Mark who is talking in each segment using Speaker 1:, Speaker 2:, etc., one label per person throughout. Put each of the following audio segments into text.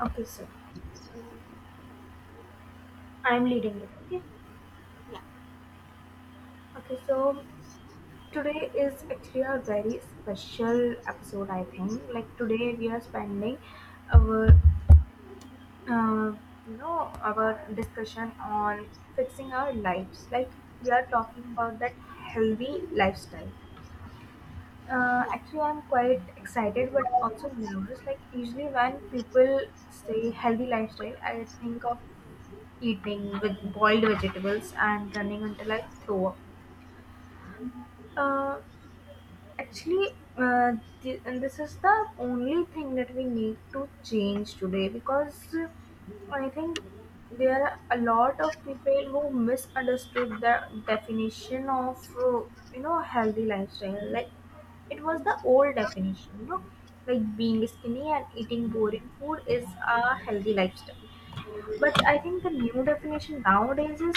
Speaker 1: Okay, so I'm leading it. Okay.
Speaker 2: Yeah,
Speaker 1: Okay, so today is actually a very special episode, I think. Like today, we are spending our, uh, our discussion on fixing our lives. Like we are talking about that healthy lifestyle.
Speaker 2: yeah,
Speaker 1: Actually, I'm quite excited, but also nervous. Like usually, when people say healthy lifestyle, I think of eating with boiled vegetables and running until I throw up Uh, actually, uh, th- and this is the only thing that we need to change today, because I think there are a lot of people who misunderstood the definition of healthy lifestyle. Like it was the old definition, like being skinny and eating boring food is a healthy lifestyle. But I think the new definition nowadays is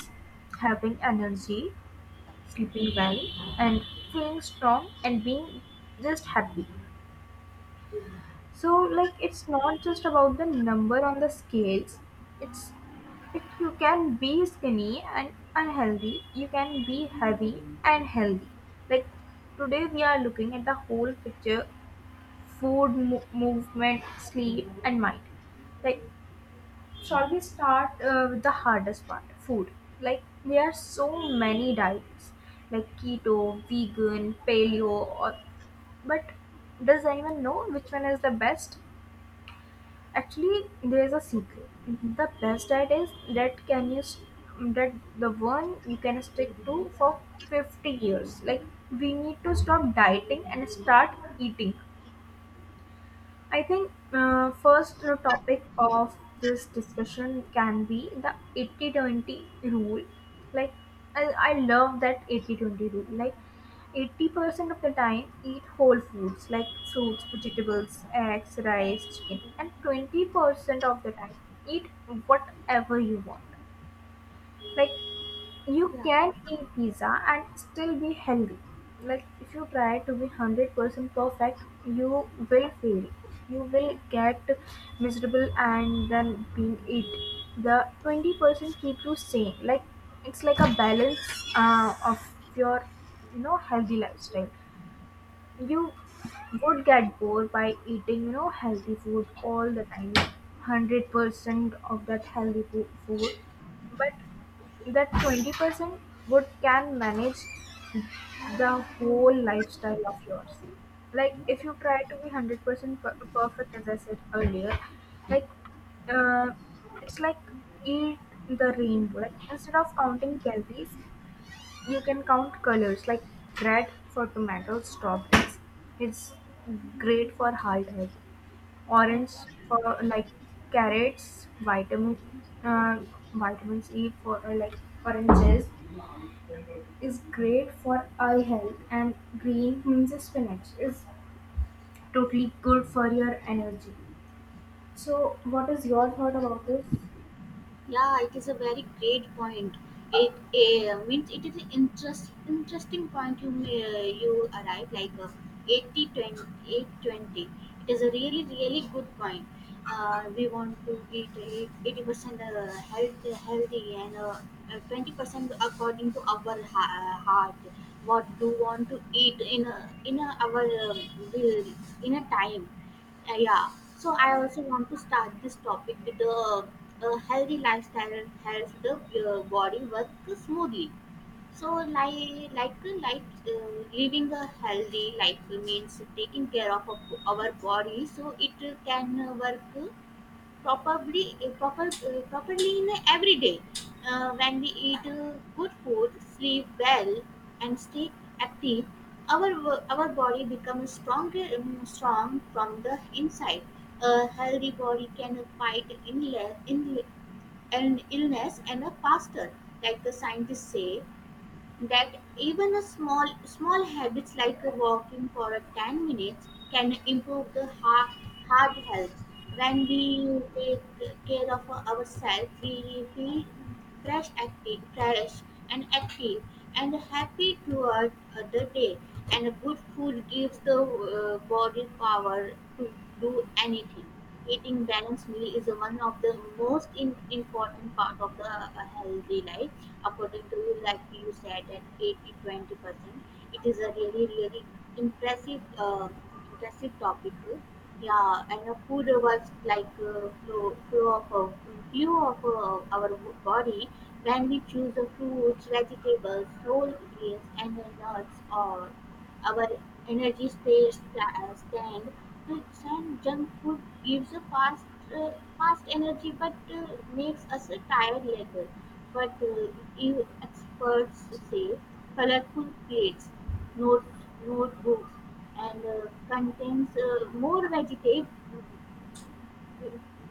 Speaker 1: having energy, sleeping well, and feeling strong and being just happy. So like it's not just about the number on the scales. It's it You can be skinny and unhealthy. You can be heavy and healthy. Like today we are looking at the whole picture: food, movement, sleep, and mind. Like shall we start with the hardest part? Food. Like there are so many diets, like keto, vegan, paleo, or but does anyone know which one is the best? Actually, there is a secret. The best diet is that the one you can stick to for 50 years. Like we need to stop dieting and start eating. I think first topic of this discussion can be the 80-20 rule. Like I love that 80-20 rule. Like 80% of the time eat whole foods like fruits, vegetables, eggs, rice, chicken, and 20% of the time eat whatever you want. Like you
Speaker 2: yeah,
Speaker 1: can eat pizza and still be healthy. Like if you try to be 100% perfect, you will fail. You will get miserable, and then being it the 20% keep you sane. Like it's like a balance of your, healthy lifestyle. You would get bored by eating healthy food all the time, 100% of that healthy food. But that 20% would can manage the whole lifestyle of yours. Like if you try to be 100% perfect, as I said earlier. Like, uh, it's like eat the rainbow. Like instead of counting calories, you can count colors. Like red for tomatoes, strawberries. It's great for heart health. Orange for like carrots, vitamins E for like oranges is great for eye health. And green means spinach is totally good for your energy. So what is your thought about this?
Speaker 2: yeah. It is a very great point. It it is an interesting point you arrive like eighty twenty eight twenty. It is a really really good point. We want to eat 80% healthy and 20% according to our heart. What do want to eat in our will in a time. Uh, yeah. So I also want to start this topic with the healthy lifestyle helps the body work smoothly. So like living a healthy life means taking care of our body so it can work properly in every day when we eat good food, sleep well, and stay active. Our body becomes stronger strong from the inside. A healthy body can fight illness and a faster, like the scientists say, that even a small habits like walking for a 10 minutes can improve the heart health. When we take care of ourselves we feel fresh active fresh and active, and happy throughout the day, and good food gives the body power to do anything. Eating balanced meal is one of the most important part of the healthy life, according to you, like you said, at 80 20 percent. It is a really, really impressive, uh, impressive topic. Yeah, and food was like flow of few of our body. When we choose the fruits, vegetables, whole grains, and the nuts, or our energy stays stand. It's and junk food gives a uh, fast energy, but makes us tired later. But you experts say colorful plates, notes, notebooks, and contains more vegetables,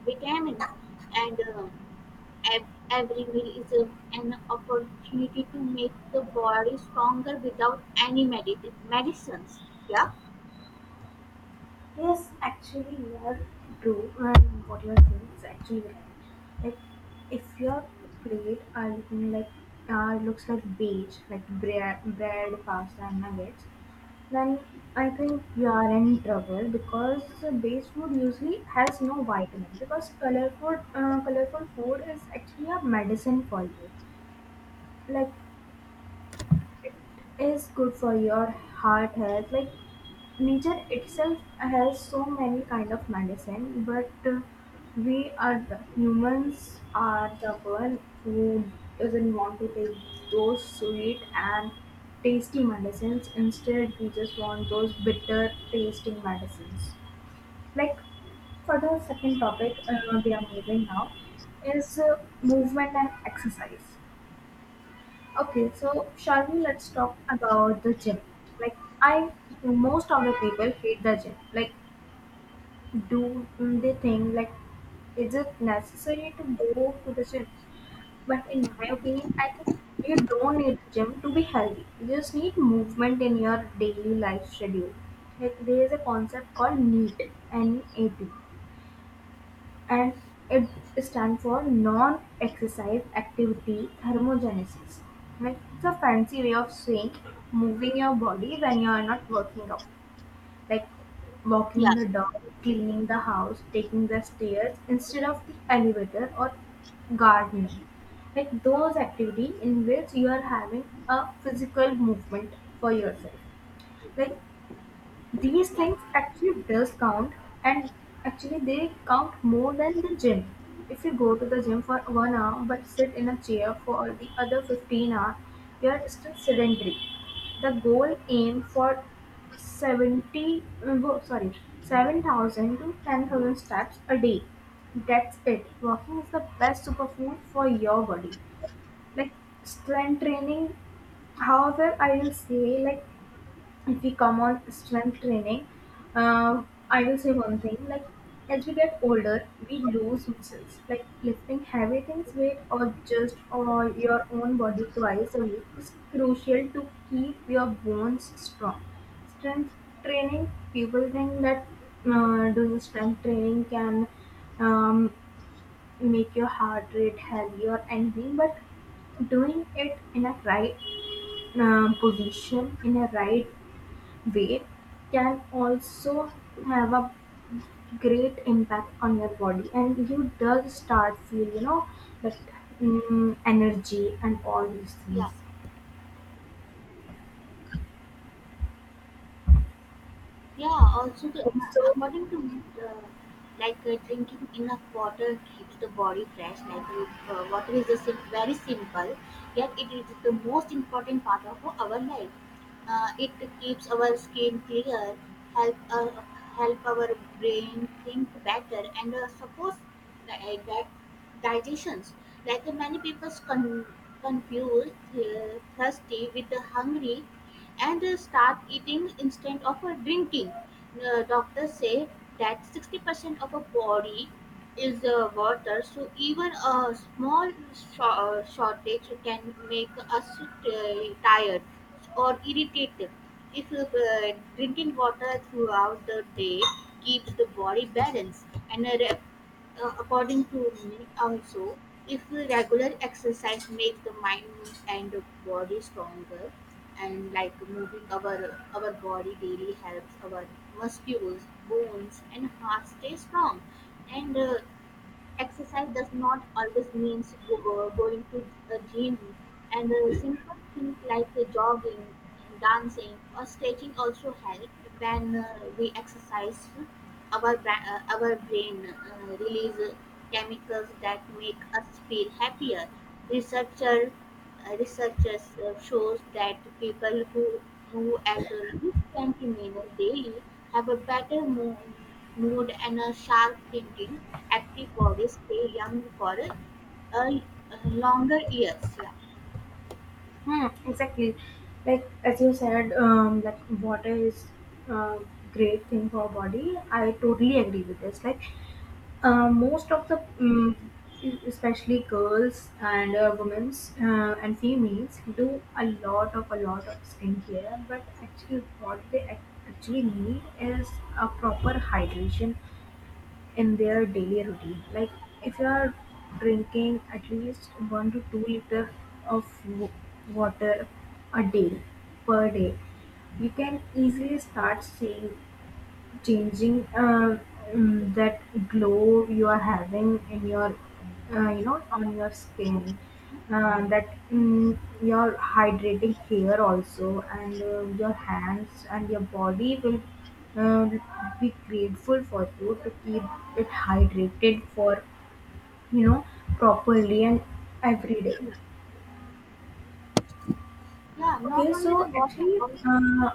Speaker 2: vitamins, and every meal is an opportunity to make the body stronger without any medicines. Yeah.
Speaker 1: Yes, actually, you are true, and what you are saying is actually right. Like, if your plate are looking like looks like beige, like bread, pasta, and nuggets, then I think you are in trouble because the beige food usually has no vitamin. Because colorful food is actually a medicine for you. Like is good for your heart health. Like nature itself has so many kind of medicine, but we are the humans are the one who doesn't want to take those sweet and tasty medicines. Instead we just want those bitter tasting medicines. Like for the second topic, we are moving now, is movement and exercise. Okay, so Shalini, let's talk about the gym. Like most of the people hate the gym. Like, do they think like, is it necessary to go to the gym? But in my opinion, I think you don't need the gym to be healthy. You just need movement in your daily life schedule. Like there is a concept called NEAT, NEAT, and it stands for non-exercise activity thermogenesis. Like it's a fancy way of saying moving your body when you are not working out, like walking
Speaker 2: Yeah,
Speaker 1: the dog, cleaning the house, taking the stairs instead of the elevator, or gardening. Like those activity in which you are having a physical movement for yourself. Like these things
Speaker 2: yeah,
Speaker 1: actually does count, and actually they count more than the gym. If you go to the gym for 1 hour but sit in a chair for the other 15 hour, you are still sedentary. The goal aim for 70, uh, wo- sorry, 7,000 to 10,000 steps a day. That's it. Walking is the best superfood for your body. Like strength training, however, I will say like if we come on strength training, uh, I will say one thing. Like as we get older, we lose muscles. Like lifting heavy things, weight, or just or your own body twice a week is crucial to keep your bones strong. Strength training, people think that doing strength training can um, make your heart rate healthy or anything, but doing it in a right position, in a right weight, can also have a great impact on your body, and you does start feel that energy and all these things.
Speaker 2: yeah. Yeah, also
Speaker 1: And so
Speaker 2: according to me, like drinking enough water keeps the body fresh. Like water is just very simple, yet it is the most important part of our life. It keeps our skin clear, help uh, help our brain think better, and suppose like that digestions. Like many people confuse thirsty with the hungry, and start eating instead of drinking. Doctors say that 60% of a body is water, so even a small shortage can make us tired or irritated. If Drinking water throughout the day keeps the body balanced, and according to me, also if regular exercise make the mind and the body stronger, and like moving our body daily helps our muscles, bones, and heart stay strong. And exercise does not always means going to a gym, and simple things like jogging, dancing, or stretching also help. When we exercise, our brain releases chemicals that make us feel happier. Researcher Researchers shows that people who move at least 20 minutes daily have a better mood and a sharp thinking. Active bodies stay young for a, a longer years. Yeah,
Speaker 1: exactly, like as you said that water is a great thing for our body. I totally agree with this. Like most of the, mm especially girls and women's and females, do a lot of skincare. But actually, what they actually need is a proper hydration in their daily routine. Like if you are drinking at least 1 to 2 liter of water a day per day, you can easily start seeing changing that glow you are having in your, on your skin, that your hydrating hair also, and your hands and your body will uh, be grateful for you to keep it hydrated for, you know properly and every day.
Speaker 2: yeah. Not
Speaker 1: Okay,
Speaker 2: only
Speaker 1: so
Speaker 2: the water,
Speaker 1: actually,
Speaker 2: also,
Speaker 1: uh,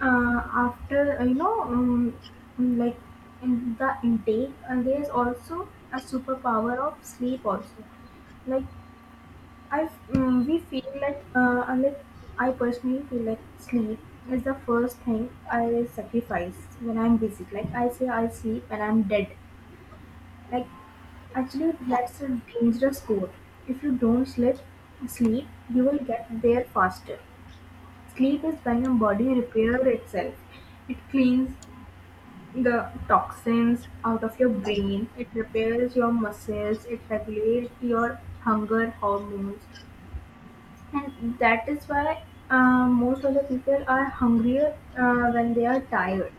Speaker 1: uh, after, like in the intake, and there is also a superpower of sleep also. Like we feel like I personally feel like sleep is the first thing I sacrifice when I'm busy. Like I say I sleep and I'm dead. Like actually
Speaker 2: yeah,
Speaker 1: that's a dangerous code. If you don't sleep, you will get there faster. Sleep is when your body repairs itself. It cleans the toxins out of your brain. It repairs your muscles. It regulates your hunger hormones, and that is why most of the people are hungrier when they are tired.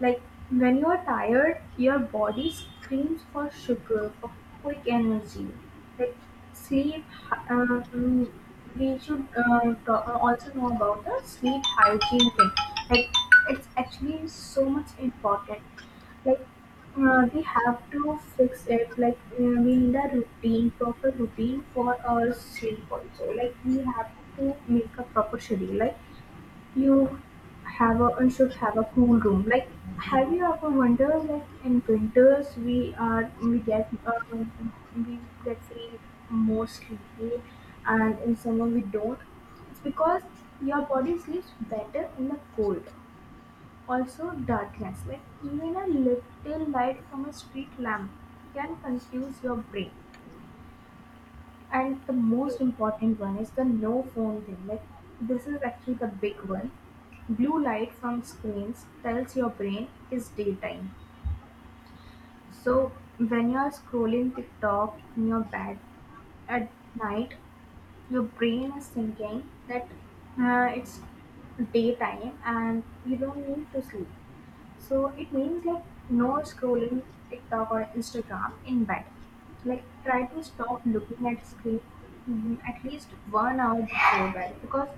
Speaker 1: Like when you are tired, your body screams for sugar, for quick energy. Like sleep hy- uh, mm, we should also know about the sleep hygiene thing. Like it's actually so much important. Like we have to fix it. Like we need a routine proper routine for our sleep also. Like we have to make a proper schedule. Like you have a and should have a cool room. Like have you ever wondered, like in winters we get feel more sleepy, and in summer we don't? It's because your body sleeps better in the cold. Also, darkness, like even a little light from a street lamp, can confuse your brain. And the
Speaker 2: yeah.
Speaker 1: most important one is the no phone thing. Like, this is actually the big one. Blue light from screens tells your brain it is daytime. So, when you are scrolling TikTok in your bed at night, your brain is thinking that it's daytime and you don't need to sleep. So it means like no scrolling TikTok or Instagram in bed. Like try to stop looking at screen mhm, at least 1 hour before bed, because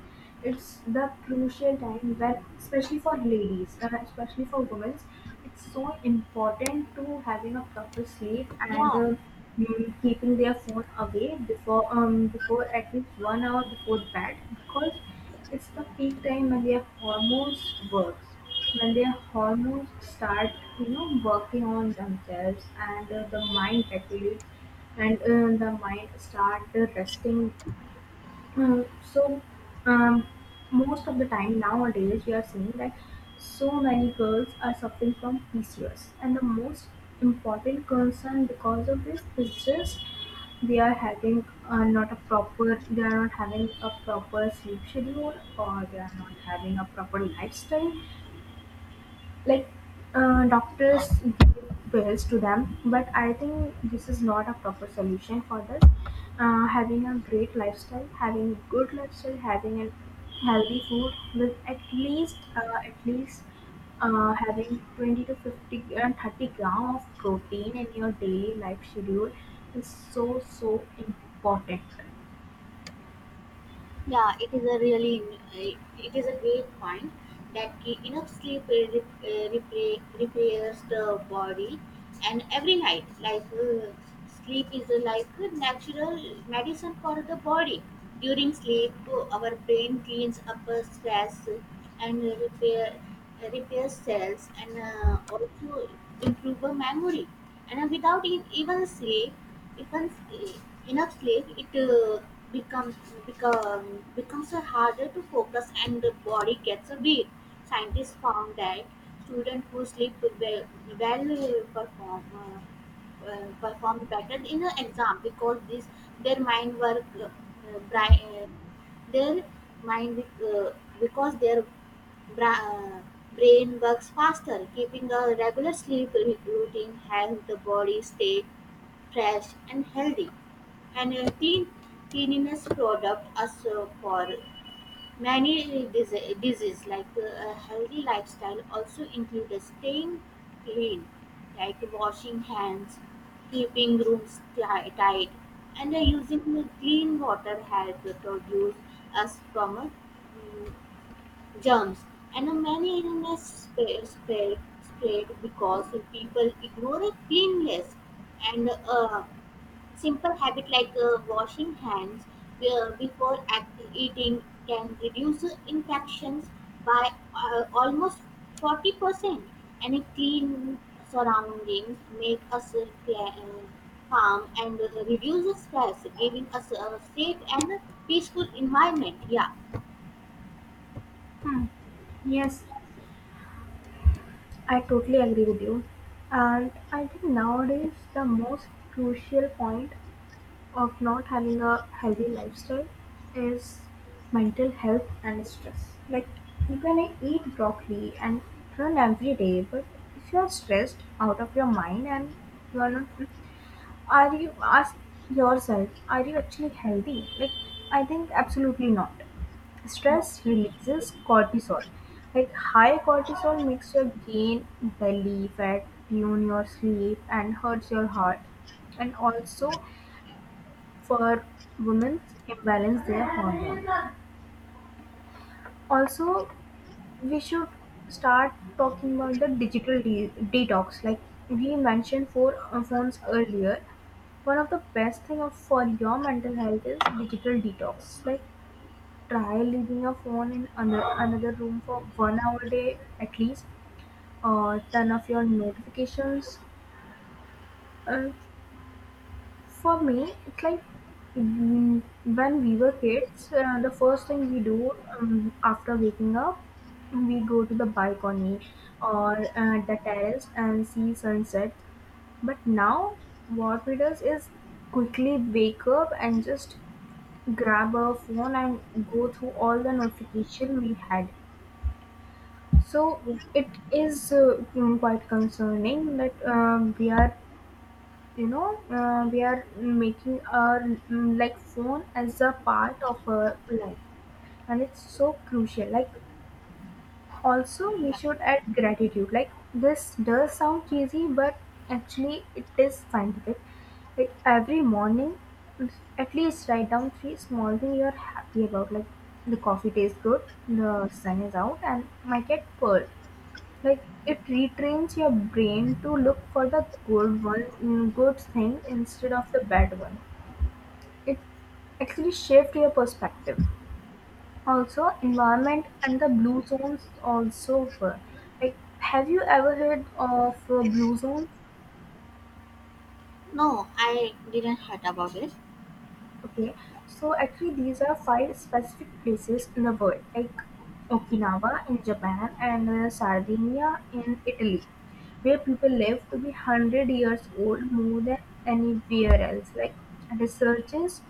Speaker 1: it's the crucial time when, especially for ladies, especially for women, it's so important to having a proper sleep, and
Speaker 2: yeah.
Speaker 1: keeping their phone away before at least 1 hour before bed, because it's the peak time when their hormones works, when their hormones start, working on themselves, and the mind regulates, and the mind start resting. Um, so, um, most of the time nowadays, we are seeing that so many girls are suffering from PCOS, and the most important concern because of this is just they are having, not a proper, they are not having a proper sleep schedule, or they are not having a proper lifestyle. Like, doctors give pills to them, but I think this is not a proper solution for this. Having a great lifestyle, having a good lifestyle, having a healthy food with at least having 20 to 50 and 30 gram of protein in your daily life schedule, is so so important.
Speaker 2: yeah, it is a really it is a great point that enough sleep repairs the body, and every night, like sleep is like a natural medicine for the body. During sleep, our brain cleans up stress and repair cells, and also improve the memory. And without even sleep becomes eh, enough sleep, it becomes becomes harder to focus and the body gets a beat. Scientists found that students who sleep well, perform better in an exam because this their mind work bri- their mind because their bra- uh, brain works faster. Keeping a regular sleep routine helps the body stay fresh and healthy. And cleanliness product us for many diseases. Like a healthy lifestyle also includes staying clean, like washing hands, keeping rooms tight, and using the clean water help to produce us from mm, germs. And many illness spread because people ignore cleanliness, and simple habit like washing hands before eating can reduce infections by almost 40%, and a clean surroundings make us calm and reduce the stress, giving us a safe and peaceful environment. Yeah,
Speaker 1: Hmm. Yes, I totally agree with you. And I think nowadays the most crucial point of not having a healthy lifestyle is mental health and stress. Like you can eat broccoli and run every day, but if you are stressed out of your mind and you are not, are you ask yourself, are you actually healthy? Like I think absolutely not.
Speaker 2: no,
Speaker 1: Stress releases cortisol. Like high cortisol makes you gain belly fat, ruin your sleep, and hurts your heart. And also, for women imbalance their hormone. Also, we should start talking about the digital detox. Like we mentioned for phones earlier, one of the best thing for your mental health is digital detox. Like try leaving your phone in another room for 1 hour a day at least, or turn off your notifications. Uh, For me, it's like when we were kids, the first thing we do after waking up, we go to the balcony or the terrace and see sunset. But now, what we do is quickly wake up and just grab our phone and go through all the notification we had. So
Speaker 2: yeah,
Speaker 1: it is quite concerning that we are we are making our like phone as a part of our life, and it's so crucial. Like also we
Speaker 2: yeah.
Speaker 1: should add gratitude. Like this does sound cheesy, but actually it is scientific. Like every morning at least write down three small things you're happy about, like the coffee tastes good, the sun is out, and my cat purred. Like it retrains your brain to look for the good one, good thing, instead of the bad one. It actually shift your perspective. Also, environment and the blue zones also were. Like, have you ever heard of blue zones?
Speaker 2: No, I didn't heard about it.
Speaker 1: Okay, so actually these are five specific places in the world, like Okinawa in Japan and Sardinia in Italy, where people live to be 100 years old more than anywhere else. Like researchers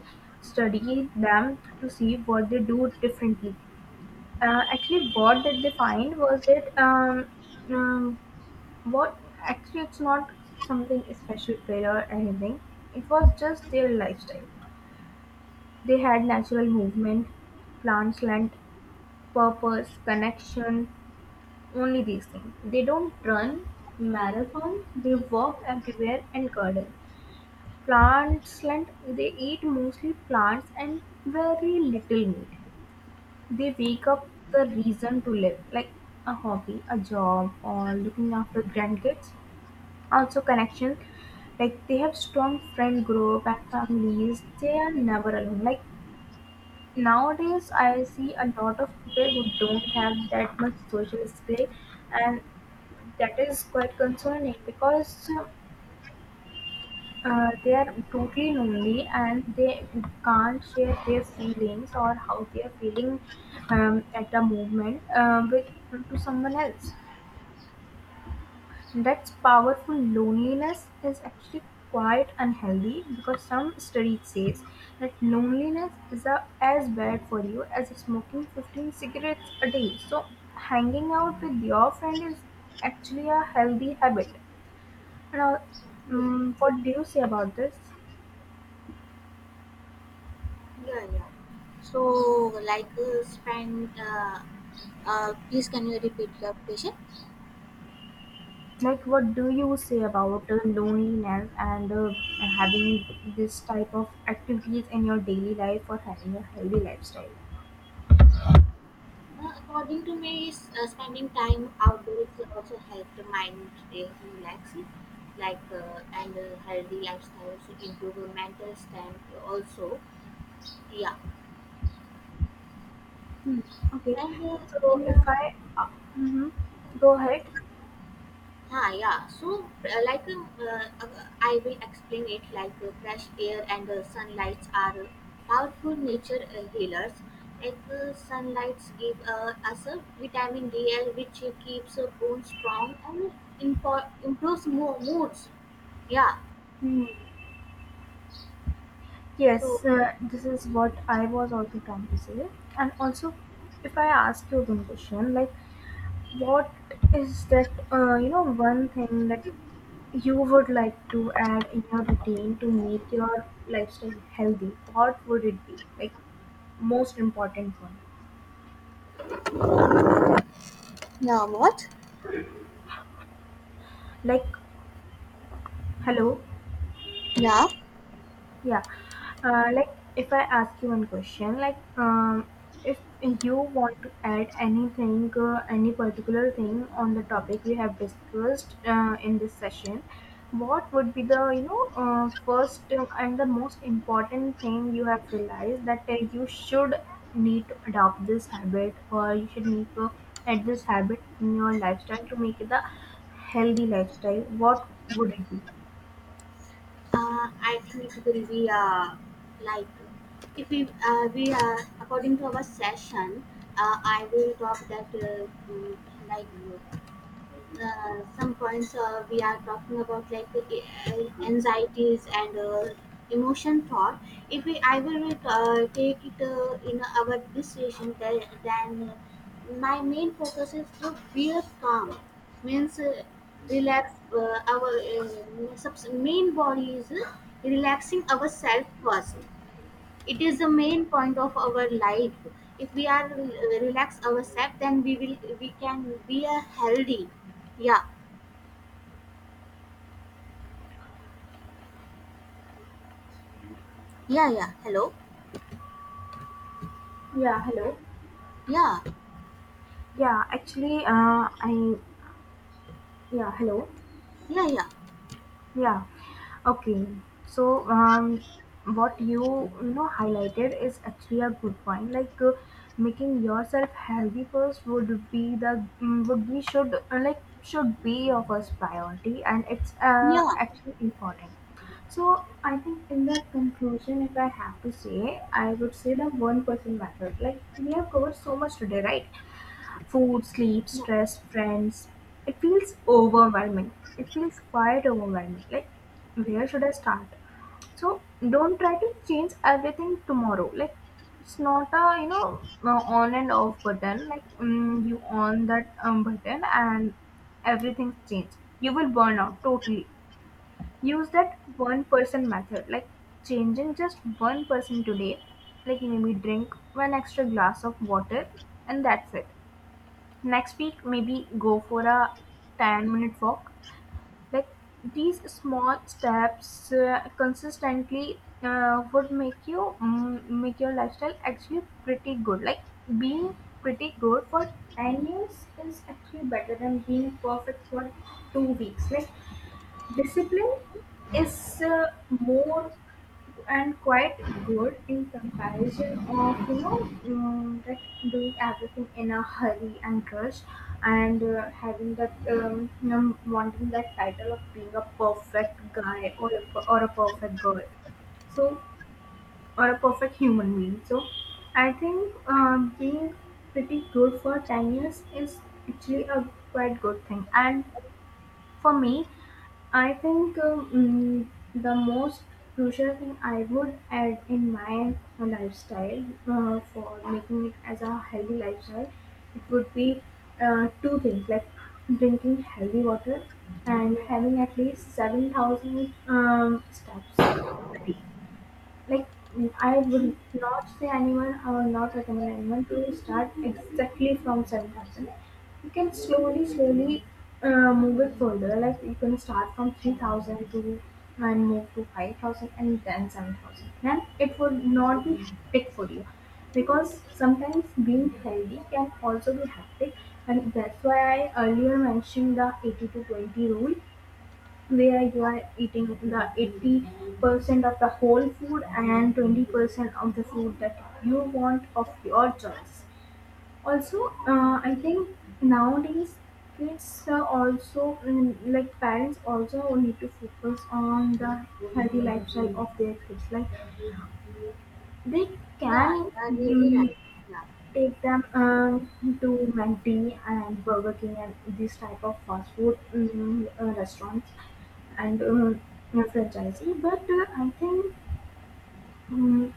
Speaker 1: study them to see what they do differently. Actually, what did they find was that um, what actually it's not something special prayer or anything. It was just their lifestyle. They had natural movement, plants, land, purpose, connection, only these things. They don't run marathon, they walk everywhere and garden. Plants, land. They eat mostly plants and very little meat. They wake up the reason to live, like a hobby, a job, or looking after grandkids. Also connection, like they have strong friend group and families. They are never alone. Like nowadays, I see a lot of people who don't have that much social skill, and that is quite concerning because they are totally lonely and they can't share their feelings or how they are feeling at the moment with to someone else. That's powerful. Loneliness is actually quite unhealthy because some studies says that loneliness is as bad for you as smoking 15 cigarettes a day. So hanging out with your friend is actually a healthy habit. Now, what do you say about this?
Speaker 2: Yeah, yeah. So, like, please can you repeat your question?
Speaker 1: Like, what do you say about loneliness and having this type of activities in your daily life or having a healthy lifestyle?
Speaker 2: According to me, spending time outdoors also help the mind relax, like, and healthy lifestyles improve mental strength also. Yeah,
Speaker 1: Hmm. Okay.
Speaker 2: and
Speaker 1: So
Speaker 2: in
Speaker 1: if
Speaker 2: uh,
Speaker 1: I mhm. Go ahead.
Speaker 2: Yeah. So, I will explain it like fresh air and sunlights are powerful nature healers. Like, sunlights give us a vitamin D, which keeps bones strong and improves moods. Yeah.
Speaker 1: Hmm.
Speaker 2: So,
Speaker 1: Yes, this is what I was also trying to say. And also, if I ask you one question, like, what is that, one thing that you would like to add in your routine to make your lifestyle healthy? What would it be? Like, most important one.
Speaker 2: yeah, what?
Speaker 1: Like, hello?
Speaker 2: Yeah.
Speaker 1: Yeah. Like if I ask you one question, like if you want to add anything, any particular thing on the topic we have discussed in this session, what would be the first and the most important thing you have realized that you should need to adopt this habit or you should need to add this habit in your lifestyle to make it a healthy lifestyle? What would it be?
Speaker 2: I think it will be like if we we according to our session, uh, I will talk that like. uh, some points we are talking about, like anxieties and emotion thought. If we I will take it in our this session, then my main focus is to be calm, means relax main body is relaxing ourselves first. It is the main point of our life. If we are relax ourselves, then we can be a healthy. yeah yeah. Hello.
Speaker 1: Yeah. Hello.
Speaker 2: Yeah,
Speaker 1: Yeah, actually, I yeah, hello.
Speaker 2: yeah, yeah,
Speaker 1: Yeah, okay. So, what you know highlighted is actually a good point. Like making yourself healthy first would be the mm, would be should like should be your first priority, and it's
Speaker 2: yeah.
Speaker 1: actually important. So I think in the conclusion, if I have to say, I would say the one person method. Like we have covered so much today, right? Food, sleep,
Speaker 2: No,
Speaker 1: stress, friends. It feels overwhelming. It feels quite overwhelming. Like where should I start? So don't try to change everything tomorrow. Like it's not a on and off button. Like you on that button and everything's changed. You will burn out totally. Use that one person method, like changing just one person today, like maybe drink one extra glass of water, and that's it. Next week maybe go for a 10-minute walk. Like these small steps consistently would make your lifestyle actually pretty good. Like being pretty good for 10 years is actually better than being perfect for 2 weeks. Like discipline is more and quite good in comparison of that doing everything in a hurry and rush, and having that wanting that title of being a perfect guy or a perfect girl, so or a perfect human being. So I think being pretty good for 10 years is actually a quite good thing. And for me, I think the most crucial thing I would add in my lifestyle for making it as a healthy lifestyle, it would be two things, like drinking healthy water and having at least 7,000 steps. Like I would not recommend anyone to start exactly from 7,000. You can slowly, slowly move it further. Like you can start from 3,000 to and move to 5,000 and then 7,000. Then it would not be hectic for you because sometimes being healthy can also be hectic, and that's why I earlier mentioned the 80 to 20 rule where you are eating the 80% of the whole food and 20% of the food that you want of your choice. Also, I think nowadays kids are also like parents also need to focus on the healthy lifestyle of their kids. Like they
Speaker 2: yeah.
Speaker 1: can
Speaker 2: You are really right. Yeah,
Speaker 1: take them to McD and Burger King and these type of fast food restaurants and franchisee. But I think um,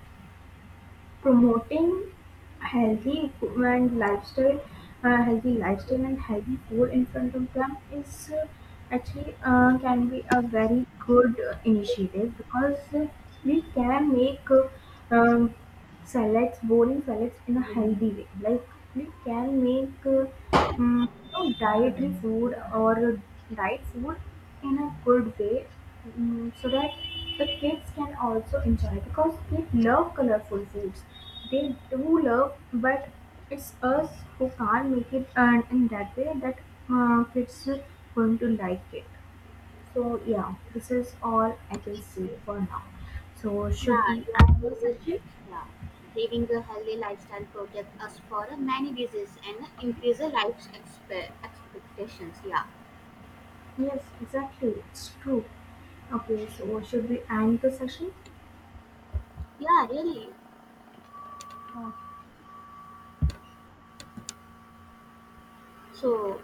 Speaker 1: promoting healthy and lifestyle, healthy lifestyle and healthy food in front of them is actually can be a very good initiative, because we can make um, salads, boring salads, in a healthy way. Like we can make dietary food or diet food in a good way, so that the kids can also enjoy because they love colorful foods. They do love, but it's us who can't make it and in that way that kids are going to like it. So yeah, this is all I can say for now. So should
Speaker 2: yeah.
Speaker 1: we
Speaker 2: You are
Speaker 1: end the
Speaker 2: really
Speaker 1: session?
Speaker 2: right. Yeah. Living a healthy lifestyle protect us for many diseases and increase the life's expectations. Yeah,
Speaker 1: Yes, exactly. It's true. Okay, so should we end the session?
Speaker 2: yeah. Really.
Speaker 1: Okay.
Speaker 2: So